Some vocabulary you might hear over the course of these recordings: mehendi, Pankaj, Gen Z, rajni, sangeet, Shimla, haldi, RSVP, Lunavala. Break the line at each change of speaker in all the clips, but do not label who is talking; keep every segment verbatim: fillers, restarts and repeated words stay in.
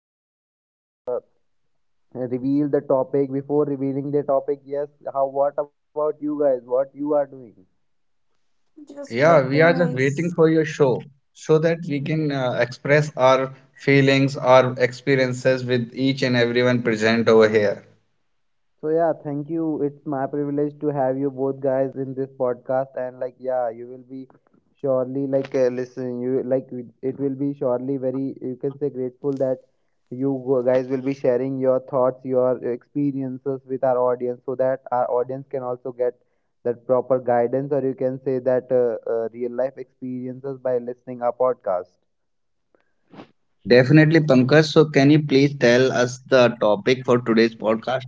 To like uh, uh, reveal the topic before revealing the topic. Yes, how, what about you guys? What you are doing?
Just
Yeah, we are
sleeping
just waiting
eyes.
for your show so that we can uh, express our feelings, our experiences with each and everyone present over here.
So yeah, thank you. It's my privilege to have you both guys in this podcast, and like yeah, you will be surely like uh, listen. You like it it will be surely very you can say grateful that you go- guys will be sharing your thoughts, your experiences with our audience, so that our audience can also get that proper guidance, or you can say that uh, uh, real life experiences by listening our podcast.
Definitely, Pankaj. So, can you please tell us the topic for today's podcast?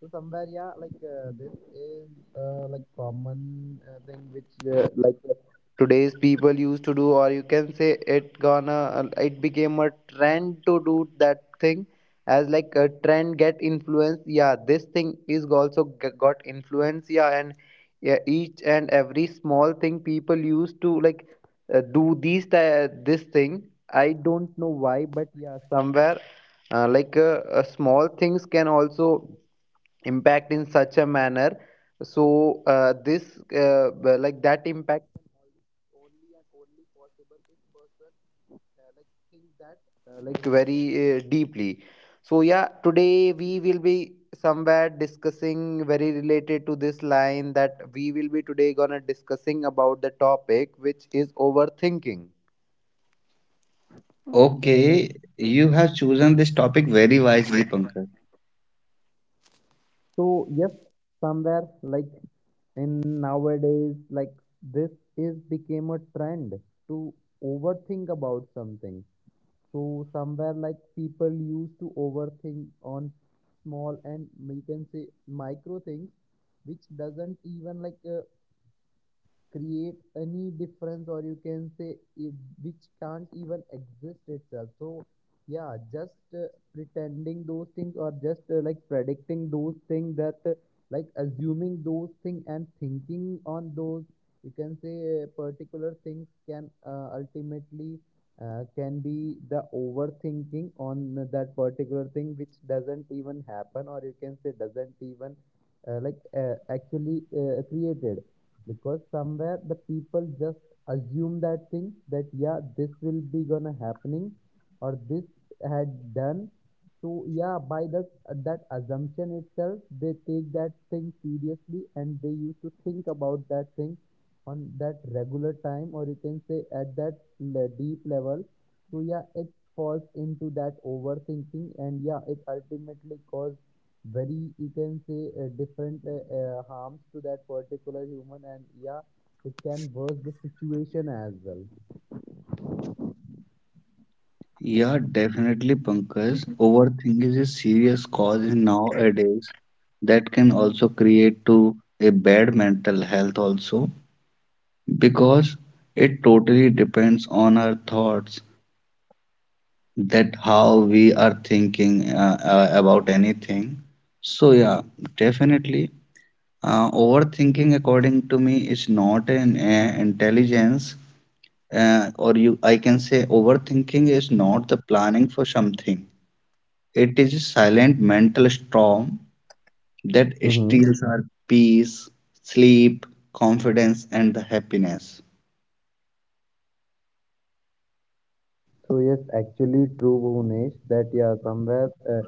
So somewhere, yeah, like uh, this is uh, like common uh, thing which uh, like uh, today's people used to do, or you can say it gonna uh, it became a trend to do that thing. As like a trend get influence, yeah, this thing is also g- got influence, yeah, and yeah, each and every small thing people used to like uh, do these ti- this thing. I don't know why, but yeah, somewhere uh, like uh, uh, small things can also impact in such a manner so uh, this uh, b- like that impact can only and only possible if person uh, like think that uh, like very uh, deeply. So yeah, today we will be somewhere discussing very related to this line that we will be today gonna discussing about the topic which is overthinking.
Okay.
Okay, you have chosen this topic very wisely, Pankaj.
So yes, somewhere like in nowadays, like this is became a trend to overthink about something. So somewhere like people used to overthink on small and we can say micro things, which doesn't even like uh, create any difference or you can say it, which can't even exist itself. So yeah, just uh, pretending those things or just uh, like predicting those things that uh, like assuming those things and thinking on those you can say uh, particular things can uh, ultimately uh, can be the overthinking on that particular thing which doesn't even happen or you can say doesn't even uh, like uh, actually uh, created, because somewhere the people just assume that thing that yeah this will be gonna happening or this had done. So yeah, by that uh, that assumption itself they take that thing seriously and they used to think about that thing on that regular time or you can say at that le- deep level. So yeah, it falls into that overthinking, and yeah it ultimately cause very you can say uh, different uh, uh, harms to that particular human, and yeah it can worse the situation as well.
Yeah, definitely, Pankaj. Overthinking is a serious cause in nowadays that can also create to a bad mental health also, because it totally depends on our thoughts, that how we are thinking uh, uh, about anything. So yeah, definitely, uh, overthinking according to me is not an uh, intelligence, uh, or you I can say overthinking is not the planning for something. It is a silent mental storm that
Mm-hmm.
steals our peace, sleep, confidence, and the happiness.
So yes, actually true, Bhunesh, that yeah, somewhere uh,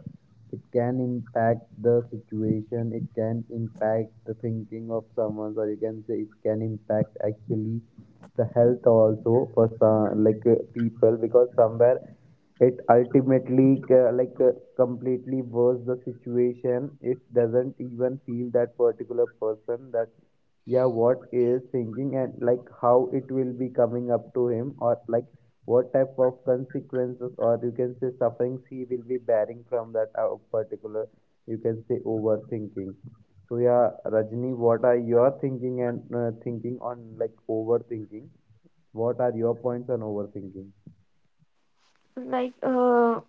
it can impact the situation, it can impact the thinking of someone, or you can say it can impact actually the health also for some like uh, people, because somewhere it ultimately uh, like uh, completely worse the situation. It doesn't even feel that particular person that yeah what is thinking and like how it will be coming up to him, or like what type of consequences or you can say sufferings he will be bearing from that uh, particular you can say overthinking. So yeah, Rajni, what are your thinking and uh, thinking on like overthinking, what are your points on overthinking?
Like, uh,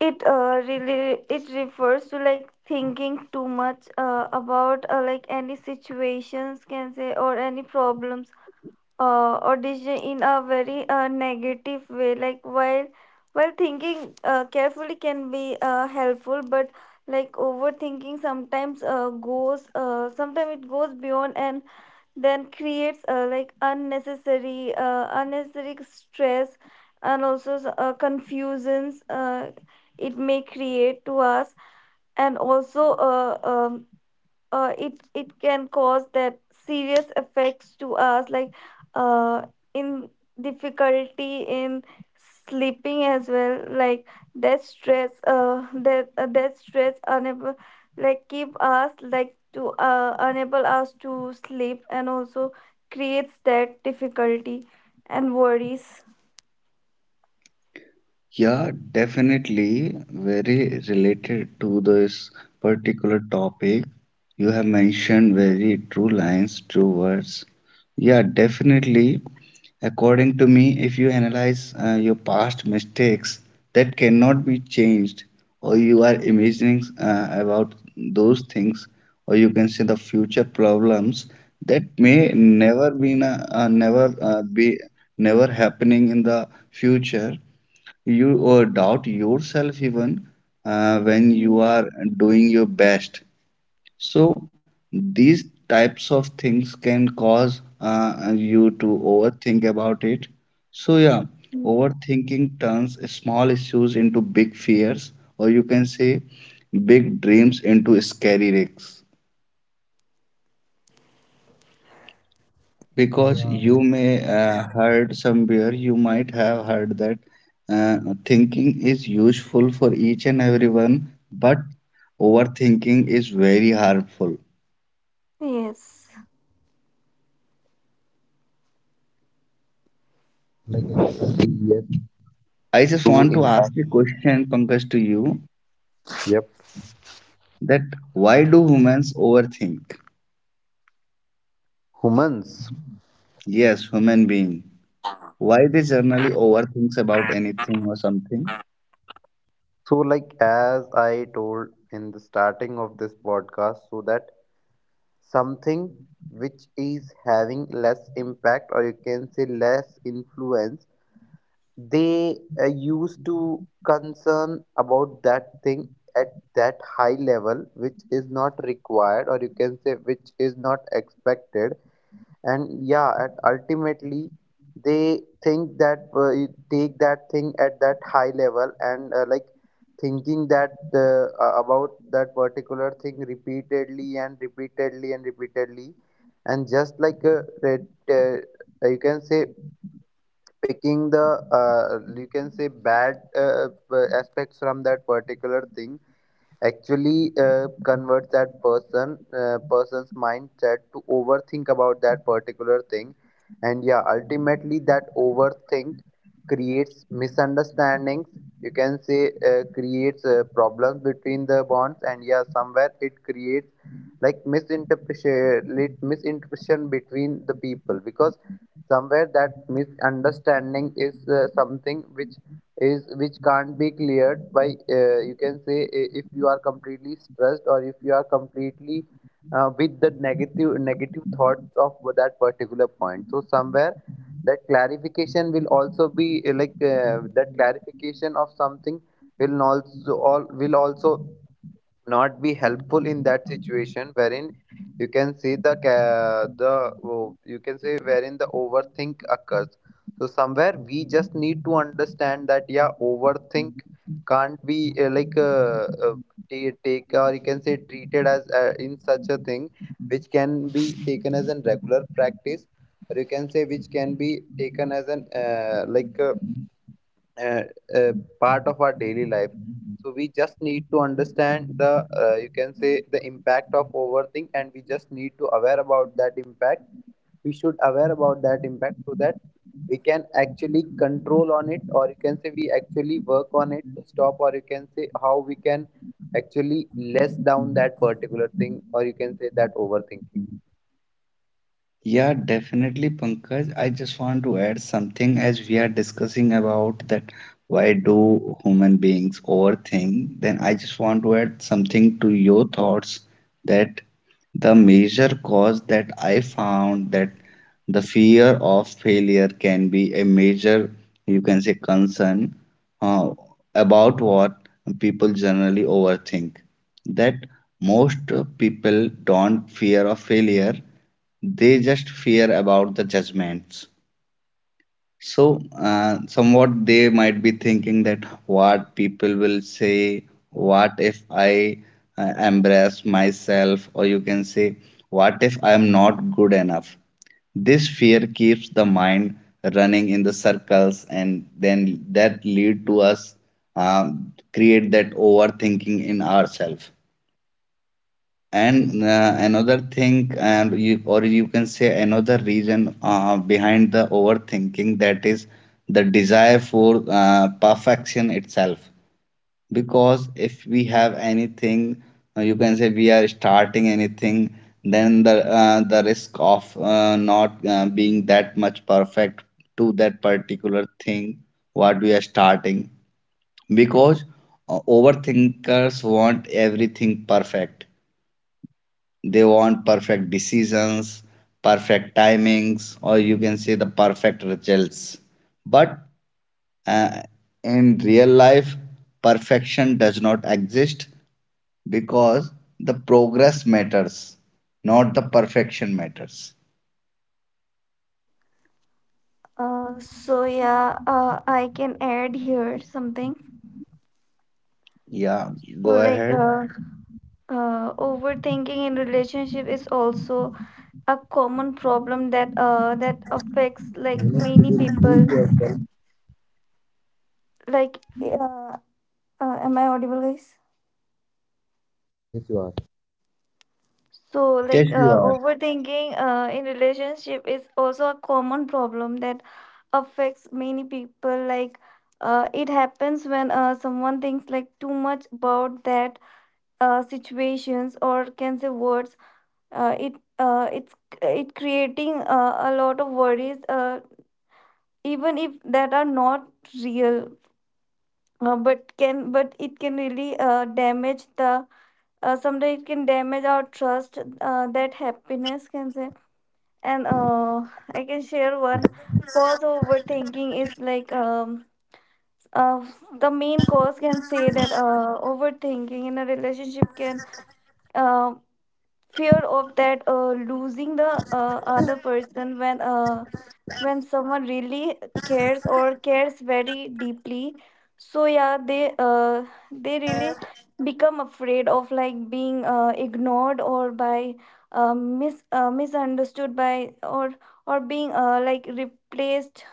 it uh, really it refers to like thinking too much uh, about uh, like any situations can say or any problems uh, or decision in a very uh, negative way. Like while while thinking uh, carefully can be uh, helpful, but like overthinking sometimes uh, goes uh, sometimes it goes beyond and then creates uh, like unnecessary uh, unnecessary stress and also s- uh, confusions uh, it may create to us and also uh, um, uh, it it can cause that serious effects to us like uh, in difficulty in sleeping as well like that stress uh, that uh, that stress unable like keep us like to uh, enable us to sleep and also creates that difficulty and worries.
Yeah, definitely very related to this particular topic. You have mentioned very true lines, true words. Yeah, definitely. According to me, if you analyze uh, your past mistakes that cannot be changed, or you are imagining uh, about those things, or you can say the future problems that may never be na- uh, never uh, be never happening in the future, you or doubt yourself even uh, when you
Mm,
are doing your best. So these types of things can cause uh, you to overthink about it. So yeah,
mm.
overthinking turns small issues into big fears, or you can say big dreams into scary risks,
So
because
yeah,
you may uh, heard somewhere, you might have heard that uh, thinking is useful for each and everyone, but overthinking is very harmful.
Yes.
like like like yes
I just
to
want to ask
impact,
a question, Pankaj, to you,
yep,
that why do humans overthink?
humans.
Yes, human being, why they generally overthinks about anything or something?
So, like as I told in the starting of this podcast, so that something which is having less impact or you can say less influence, they uh, used to concern about that thing at that high level, which is not required or you can say which is not expected. And yeah, at ultimately they think that uh, you take that thing at that high level and uh, like thinking that uh, uh, about that particular thing repeatedly and repeatedly and repeatedly, and just like uh, that, uh, you can say picking the uh, you can say bad uh, uh, aspects from that particular thing actually uh, converts that person uh, person's mindset to overthink about that particular thing. And yeah, ultimately that overthink creates misunderstandings, you can say uh, creates uh, problems between the bonds, and yeah somewhere it creates like misinterpretation misinterpretation between the people, because somewhere that misunderstanding is uh, something which is which can't be cleared by uh, you can say i- if you are completely stressed or if you are completely uh, with the negative negative thoughts of that particular point. So somewhere that clarification will also be uh, like uh, that clarification of something will also all will also not be helpful in that situation wherein you can see the ca- the oh, you can say wherein the overthink occurs. So somewhere we just need to understand that yeah overthink can't be uh, like uh, uh, ta- take or you can say treated as uh, in such a thing which can be taken as an regular practice or you can say which can be taken as an uh, like uh, uh, uh, part of our daily life. So we just need to understand the uh, you can say the impact of overthink, and we just need to aware about that impact. We should aware about that impact so that we can actually control on it or you can say we actually work on it to stop or you can say how we can actually less down that particular thing or you can say that overthinking.
Yeah, definitely, Pankaj. I just want to add something as we are discussing about that why do human beings overthink? Then I just want to add something to your thoughts, that the major cause that I found that the fear of failure can be a major, you can say, concern uh, about what people generally overthink. That most people don't fear of failure, they just fear about the judgments. So uh, somewhat they might be thinking that what people will say, what if I uh, embrace myself, or you can say what if I am not good enough. This fear keeps the mind running in the circles, and then that lead to us uh, create that overthinking in ourselves. And uh, another thing, and you, or you can say another reason uh, behind the overthinking, that is the desire for uh, perfection itself. Because if we have anything, uh, you can say we are starting anything, then the uh, the risk of uh, not uh, being that much perfect to that particular thing what we are starting. Because uh, overthinkers want everything perfect, they want perfect decisions, perfect timings, or you can say the perfect results. But uh, in real life, perfection does not exist because the progress matters, not the perfection matters.
Uh, so yeah, uh, I can add here something.
Yeah,
So
go
like
ahead.
uh, Uh, overthinking in relationship is also a common problem that uh that affects like many people. Like, uh, uh am I audible, guys?
Yes, you are.
So like
Yes, you
uh,
are.
overthinking uh in relationship is also a common problem that affects many people. Like, uh, it happens when uh someone thinks like too much about that uh situations or can say words. Uh, it uh it's it creating uh, a lot of worries. Uh even if that are not real, uh, but can but it can really uh, damage the uh, sometimes it can damage our trust, uh, that happiness, can say, and uh, I can share one cause of overthinking is like um uh, the main cause, can say, that uh, overthinking in a relationship can, uh, fear of that uh, losing the uh, other person when uh, when someone really cares or cares very deeply. So yeah, they uh, they really become afraid of like being uh, ignored or by uh, mis uh, misunderstood by, or or being uh, like replaced.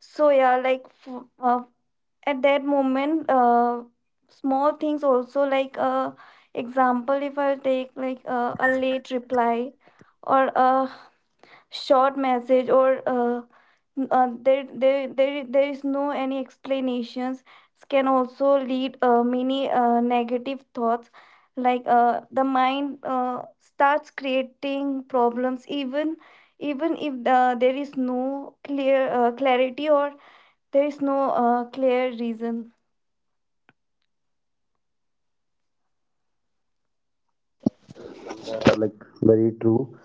So yeah, like f- uh, at that moment, uh, small things also, like uh, example if I'll take like uh, a late reply or a short message or uh, uh, there, there, there, there is no any explanations. This can also lead uh, many uh, negative thoughts, like uh, the mind uh, starts creating problems even even if uh, there is no clear uh, clarity or there is no uh, clear reason.
uh, Like very true.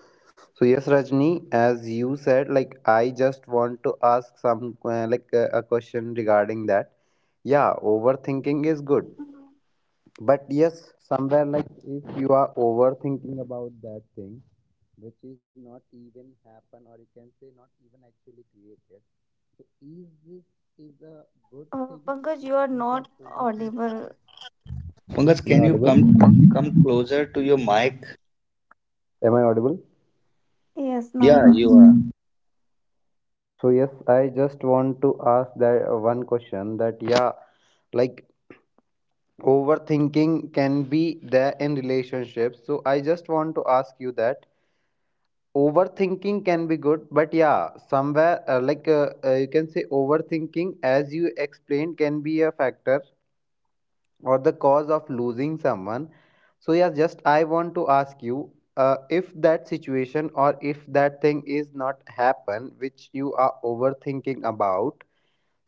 So yes, Rajni, as you said, like I just want to ask some uh, like uh, a question regarding that. Yeah, overthinking is good, but yes, somewhere like if you are overthinking about that thing, which is not even happen or you can say not even actually created. So is this is a good
uh,
thing
Pankaj, you
which
are
we
not
can
audible.
overthink?
Pankaj,
Am I
can you come
audible?
come closer to your mic?
Am I audible?
Yes, now
Yeah,
you are.
you are.
So yes, I just want to ask that uh, one question that yeah like. Overthinking can be there in relationships. So I just want to ask you that overthinking can be good, but yeah, somewhere uh, like uh, uh, you can say overthinking, as you explained, can be a factor or the cause of losing someone. So yeah, just I want to ask you uh, if that situation or if that thing is not happen, which you are overthinking about.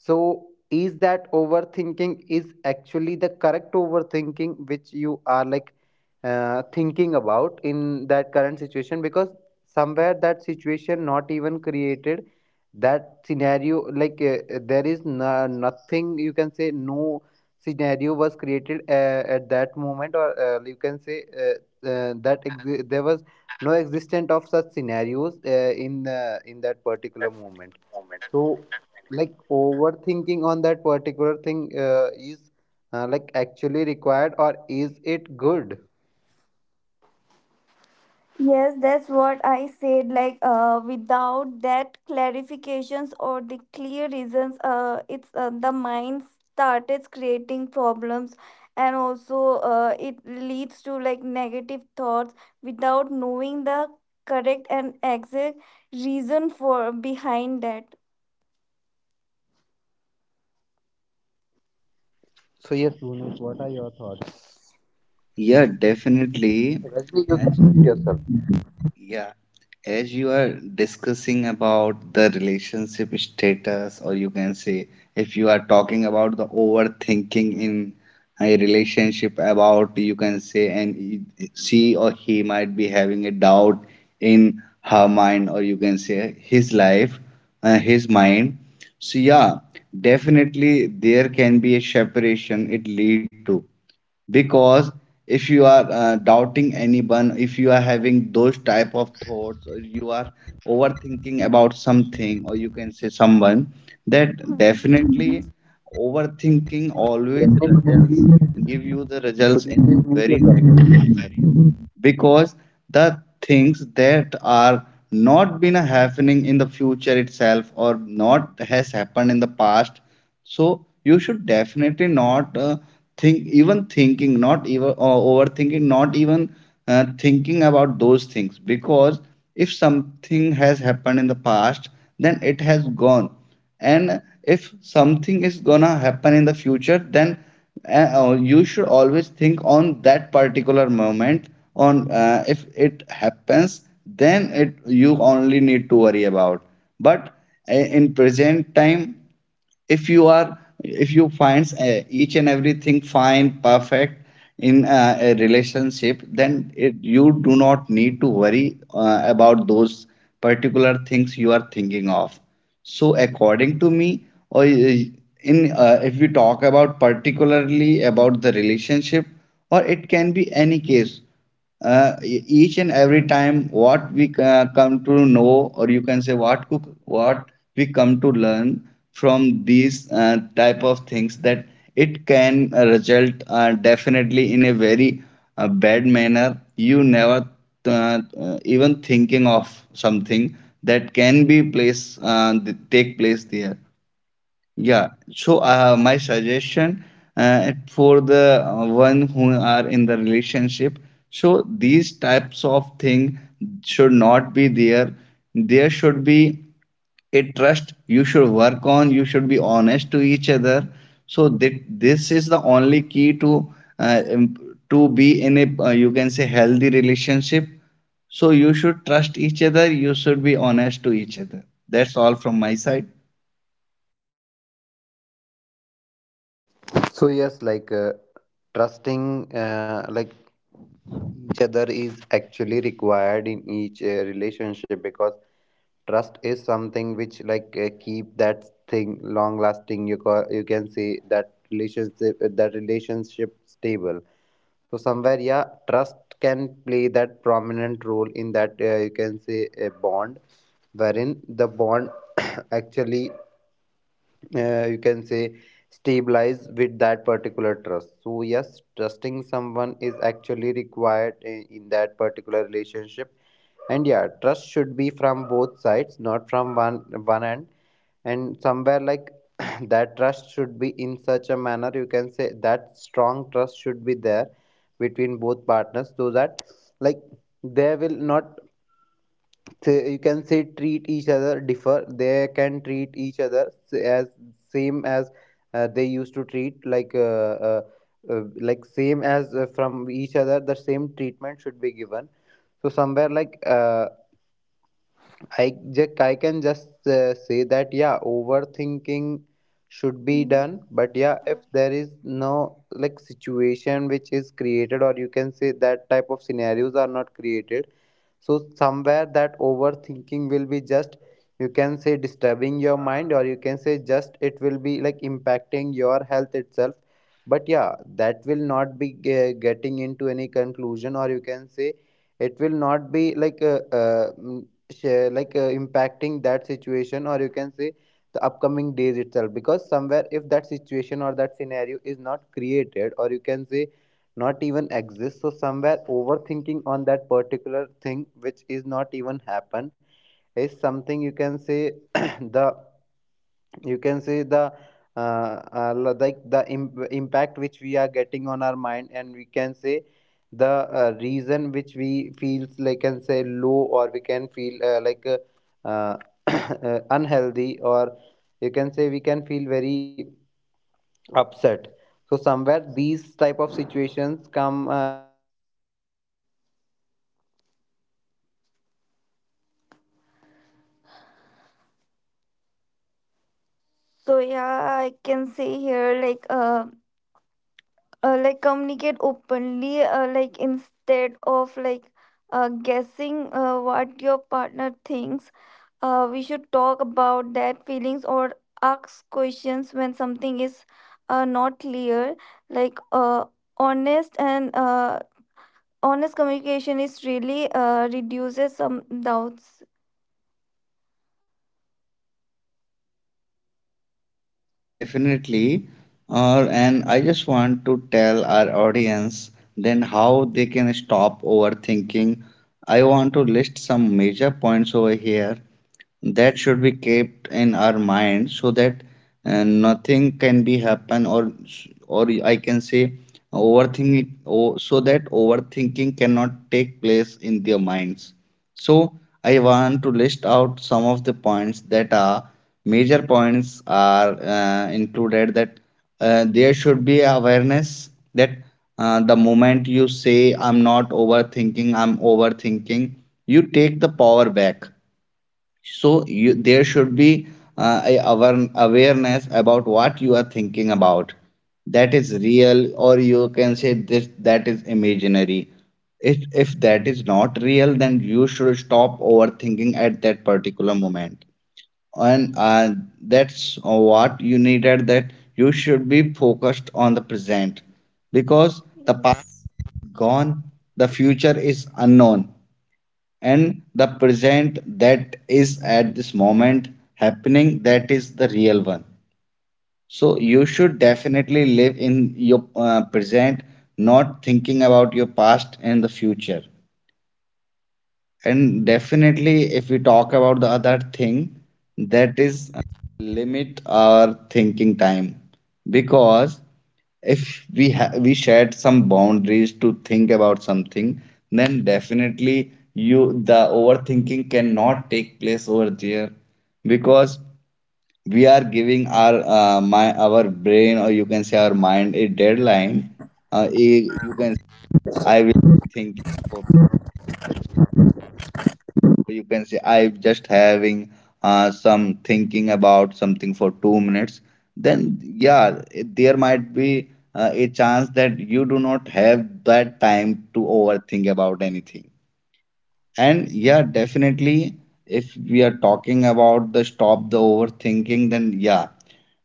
So, is that overthinking is actually the correct overthinking which you are like uh, thinking about in that current situation? Because somewhere that situation not even created, that scenario like uh, uh, there is no, nothing you can say no scenario was created uh, at that moment or uh, you can say uh, uh, that exi- there was no existence of such scenarios uh, in uh, in that particular moment. So, like overthinking on that particular thing uh, is uh, like actually required, or is it good?
Yes, that's what I said. Like, uh, without that clarifications or the clear reasons, uh, it's uh, the mind started creating problems, and also uh, it leads to like negative thoughts without knowing the correct and exact reason for behind that.
So, yes, Bhunesh, what are your thoughts?
Yeah, definitely.
Rajni, you can
As
mute
you,
yourself.
yeah, as you are discussing about the relationship status, or you can say if you are talking about the overthinking in a relationship, about you can say, and she or he might be having a doubt in her mind, or you can say his life, uh, his mind. So, yeah, definitely there can be a separation it lead to, because if you are uh, doubting anyone, if you are having those type of thoughts or you are overthinking about something or you can say someone, that
Mhm.
definitely overthinking always
Rajni, could you
results,
please
give you the
could
results
you
in a
please mute
very
yourself?
negative manner, because the things that are not been happening in the future itself or not has happened in the past, so you should definitely not uh, think, even thinking not even or overthinking not even uh, thinking about those things, because if something has happened in the past then it has gone, and if something is gonna happen in the future then uh, uh, you should always think on that particular moment, on uh, if it happens then it, you only need to worry about, but uh, in present time, if you are, if you find uh, each and everything fine, perfect in uh, a relationship, then it, you do not need to worry uh, about those particular things you are thinking of. So according to me, or uh, in uh, if we talk about particularly about the relationship, or it can be any case, uh, e- each and every time what we uh, come to know, or you can say what cook- what we come to learn from these uh, type of things, that it can uh, result uh, definitely in a very uh, bad manner, you never uh, uh, even thinking of something that can be place, uh, th- take place there. Yeah, so uh, my suggestion uh, for the uh, one who are in the relationship, so these types of thing should not be there. There should be a trust you should work on. You should be honest to each other. So that this is the only key to uh, imp- to be in a uh, you can say healthy relationship. So you should trust each other. You should be honest to each other. That's all from my side.
So, yes, like uh, trusting, uh, like each other is actually required in each uh, relationship, because trust is something which like uh, keep that thing long lasting, you ca- you can say that relationship uh, that relationship stable. So somewhere yeah, trust can play that prominent role in that uh, you can say a bond, wherein the bond actually uh, you can say stabilize with that particular trust. So yes, trusting someone is actually required in, in that particular relationship, and yeah trust should be from both sides, not from one one end. And somewhere like that trust should be in such a manner, you can say that strong trust should be there between both partners, so that like there will not say- you can say treat each other differ, they can treat each other s- as same as uh, they used to treat like uh, uh, uh, like same as uh, from each other the same treatment should be given. So somewhere like uh, i just i can just uh, say that yeah overthinking should be
Mhm.
done, but yeah if there is no like situation which is created or you can say that type of scenarios are not created. So somewhere that overthinking will be just you can say disturbing your mind or you can say just it will be like impacting your health itself. But yeah, that will not be ge- getting into any conclusion or you can say it will not be like uh, uh, mm, sh- like uh, impacting that situation or you can say the upcoming days itself, because somewhere if that situation or that scenario is not created or you can say not even exist, so somewhere overthinking on that particular thing which is not even happen is something you can say the you can say the uh, uh, like the Im- impact which we are getting on our mind, and we can say the uh, reason which we feels like can say low, or we can feel uh, like uh, uh, uh, unhealthy, or you can say we can feel very upset. So somewhere these type of situations come uh, these type of situations can uh, create you can say misunderstandings as well, and there like actual clar- clarity is uh, very uh,
So
you can say.
yeah, I can say here like uh uh, like communicate openly, uh, like instead of like uh, guessing uh, what your partner thinks. Uh, we should talk about that feelings or ask questions when something is uh, not clear. Like, uh, honest and, uh, honest communication is really uh, reduces some doubts.
So yes, Rajni, true words that a clear communication, a
Yeah,
transparent.
definitely. Uh, and I just want to tell our audience then how they can stop overthinking. I want to list some
So
major
yeah,
points over
like
here
somewhere
that should be
transparency is
kept in
actually
our mind,
required
so that
in
uh,
each and
nothing
every
can be
bond, so
happen,
that
or
that bond
or
can be
I
a
can say
stable bond or you can say
overthinking,
that bond
oh, so
can be
that overthinking
actually a
cannot take place in
sustainable
their
bond,
minds. So
bond with
I
like you
want to
can
list
say
out some of the
complete
points
uh,
that are
confidence or you can say
major
complete
points are
consistency.
uh, included, that uh, there should be awareness, that uh, the moment you say I'm not overthinking, I'm overthinking, you take the power back. So you, there should be uh, a awar- awareness about what you are thinking about. That is real, or you can say this, that is imaginary. If if that is not real, then you should stop overthinking at that particular moment. And uh, that's what you needed. That you should be focused on the present, because the past
Yes.
is gone, the future is unknown, and the present that is at this moment happening, that is the real one, so you should definitely live in your uh, present, not thinking about your past and the future. And definitely, if we talk about the other thing, that is
Mhm.
uh, limit our thinking time. Because if we ha- we set some boundaries to think about something, then definitely you, the overthinking cannot take place over there, because we are giving our uh, my our brain, or you can say our mind, a deadline. Uh, a- you can, I will think for, you can say I'm just having uh, some thinking about something for two minutes, then yeah, it- there might be uh, a chance that you do not have that time to overthink about anything. And yeah, definitely, if we are talking about the stop the overthinking, then yeah,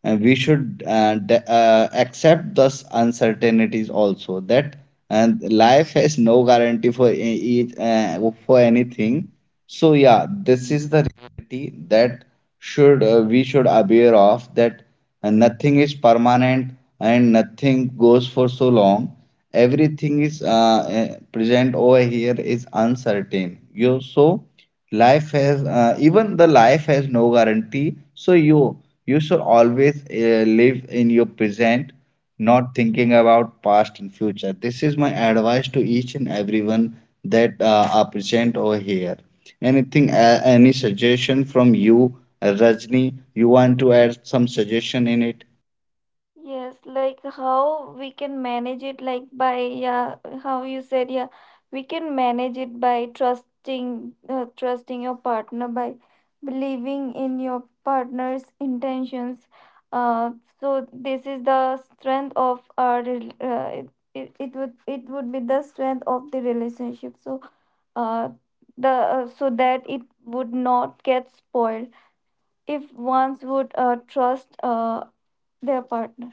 uh, we should uh, d- uh, accept those uncertainties also, that and life has no guarantee for e- each uh, for anything. So yeah, this is the reality that should uh, we should aware of, that uh, nothing is permanent and nothing goes for so long. Everything is uh, uh, present over here is uncertain, you, so life has uh, even the life has no guarantee, so you you should always uh, live in your present, not thinking about past and future. This is my advice to each and everyone that uh, are present over here. Anything uh, any suggestion from you, uh, Rajni? You want to add some suggestion in it?
Yes, like how we can manage it, like by, yeah, how you said, yeah, we can manage it by trusting, uh, trusting your partner, by believing in your partner's intentions. Uh, so this is the strength of our, rel- uh, it, it, it would, it would be the strength of the relationship. So, uh, the uh, so that it would not get spoiled if ones would uh, trust uh, their partner.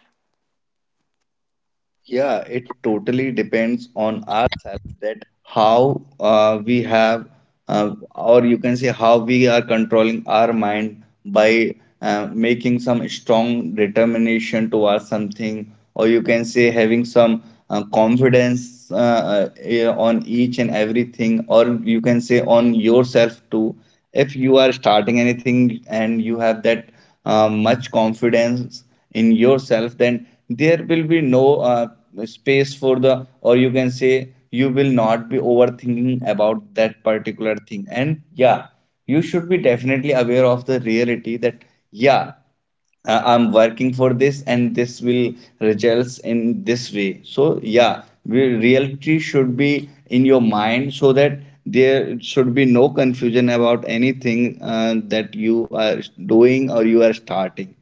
Yeah, it totally depends on ourselves, that how uh, we have, uh, or you can say how we are controlling our mind by uh, making some strong determination towards something, or you can say having some uh, confidence uh, uh, on each and everything, or you can say on yourself too. If you are starting anything and you have that uh, much confidence in yourself, then there will be no uh, space for the, or you can say you will not be overthinking about that particular thing. And yeah, you should be definitely aware of the reality, that yeah, uh, I'm working for this, and this will results in this way. So yeah, re- reality should be in your mind, so that there should be no confusion about anything uh, that you are doing or you are starting.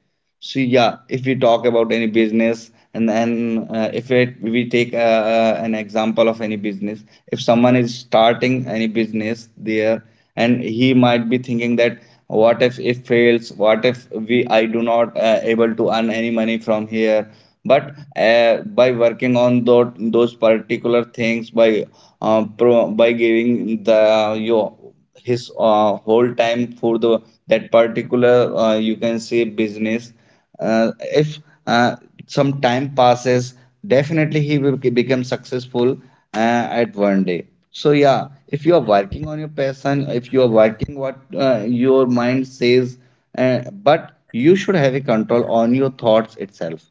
So yeah, if we talk about any business, and then uh, if it, we take uh, uh, an example of any business, if someone is starting any business there, and he might be thinking that what if it fails? What if we I do not uh, able to earn any money from here? But uh, by working on those those particular things, by uh, pro, by giving the you his uh, whole time for the that particular uh, you can say business, uh, if uh, some time passes, definitely he will be- become successful uh, at one day. So yeah, if you are working on your passion, if you are working what uh, your mind says, uh, but you should have a control on your thoughts itself.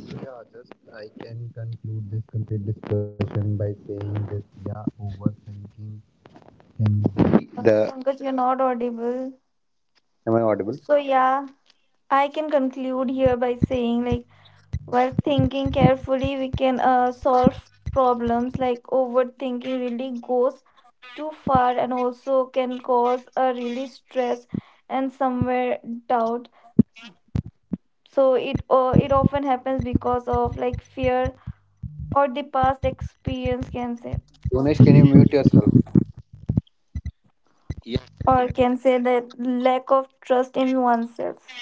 Yeah, just I can conclude this complete discussion by saying that yeah, overthinking can be
Uh,
the.
Pankaj, you're not audible.
Am I audible?
So yeah, I can conclude here by saying, like, while thinking carefully, we can uh, solve problems. Like, overthinking really goes too far and also can cause a really stress and somewhere doubt. So, it uh, it often happens because of like fear or the past experience, can say,
Yonesh, can you mute yourself?
Yeah,
or
definitely.
can say that lack of trust in oneself.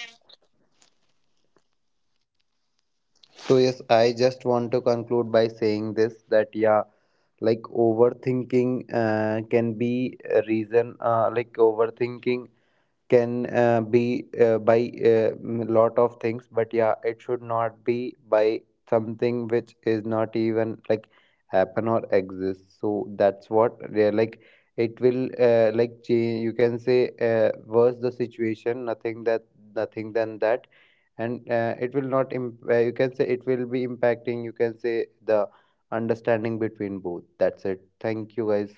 So yes, I just want to conclude by saying this that yeah, like overthinking uh, can be a reason. Uh, like overthinking can uh, be uh, by a lot of things, but yeah it should not be by something which is not even like happen or exist, so that's what they're like it will uh, like change, you can say uh, worse the situation, nothing that nothing than that. And uh, it will not imp- uh, you can say it will be impacting you can say the understanding between both. That's it, thank you guys.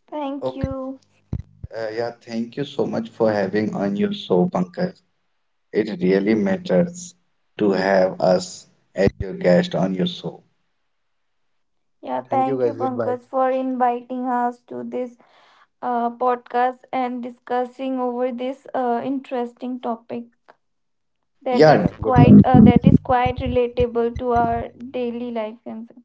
Thank
Okay.
you.
uh, yeah, thank you so much for having on your show, Pankaj. It really matters to have us as your guest on your show.
Yeah,
Thank you
thank you,
guys, goodbye.
Pankaj, for inviting us to this uh, podcast and discussing over this uh, interesting topic that
Yeah,
is
Yeah,
quite
goodbye.
uh, that is quite relatable to our daily life. And so,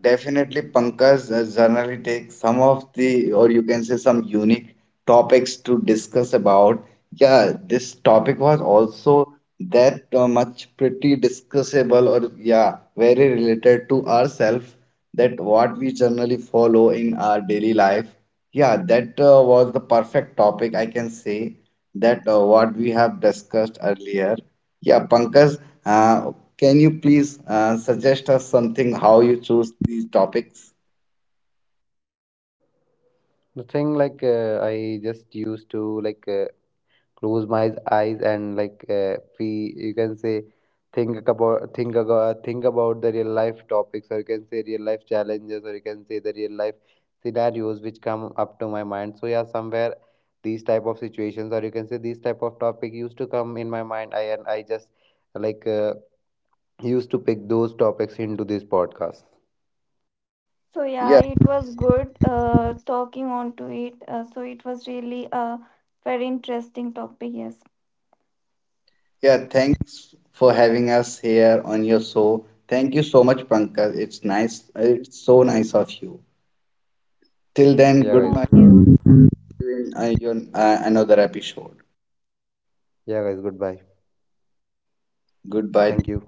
definitely Pankaj uh, generally takes some of the, or you can say some unique topics to discuss about. Yeah, this topic was also that uh, much pretty discussable, or yeah, very related to ourselves, that what we generally follow in our daily life. Yeah, that uh, was the perfect topic. I can say that uh, what we have discussed earlier. Yeah, Pankaj, uh, can you please uh, suggest us something, how you choose these topics?
Nothing like uh, I just used to like uh, close my eyes and like uh, we you can say think about think about think about the real life topics or you can say real life challenges or you can say the real life scenarios which come up to my mind. So yeah, somewhere these type of situations or you can say these type of topic used to come in my mind. I and I just like uh, used to pick those topics into this podcast.
so yeah,
Yeah,
it was good uh, talking on to it. Uh, so it was really a very interesting topic. Yes,
yeah, thanks for having us here on your show. Thank you so much, Pankaj. It's nice, it's so nice of you. Till then,
Yeah, guys.
goodbye.
thank you.
See you in, uh, your, uh, another episode.
Yeah, guys. Goodbye.
Goodbye.
Thank you.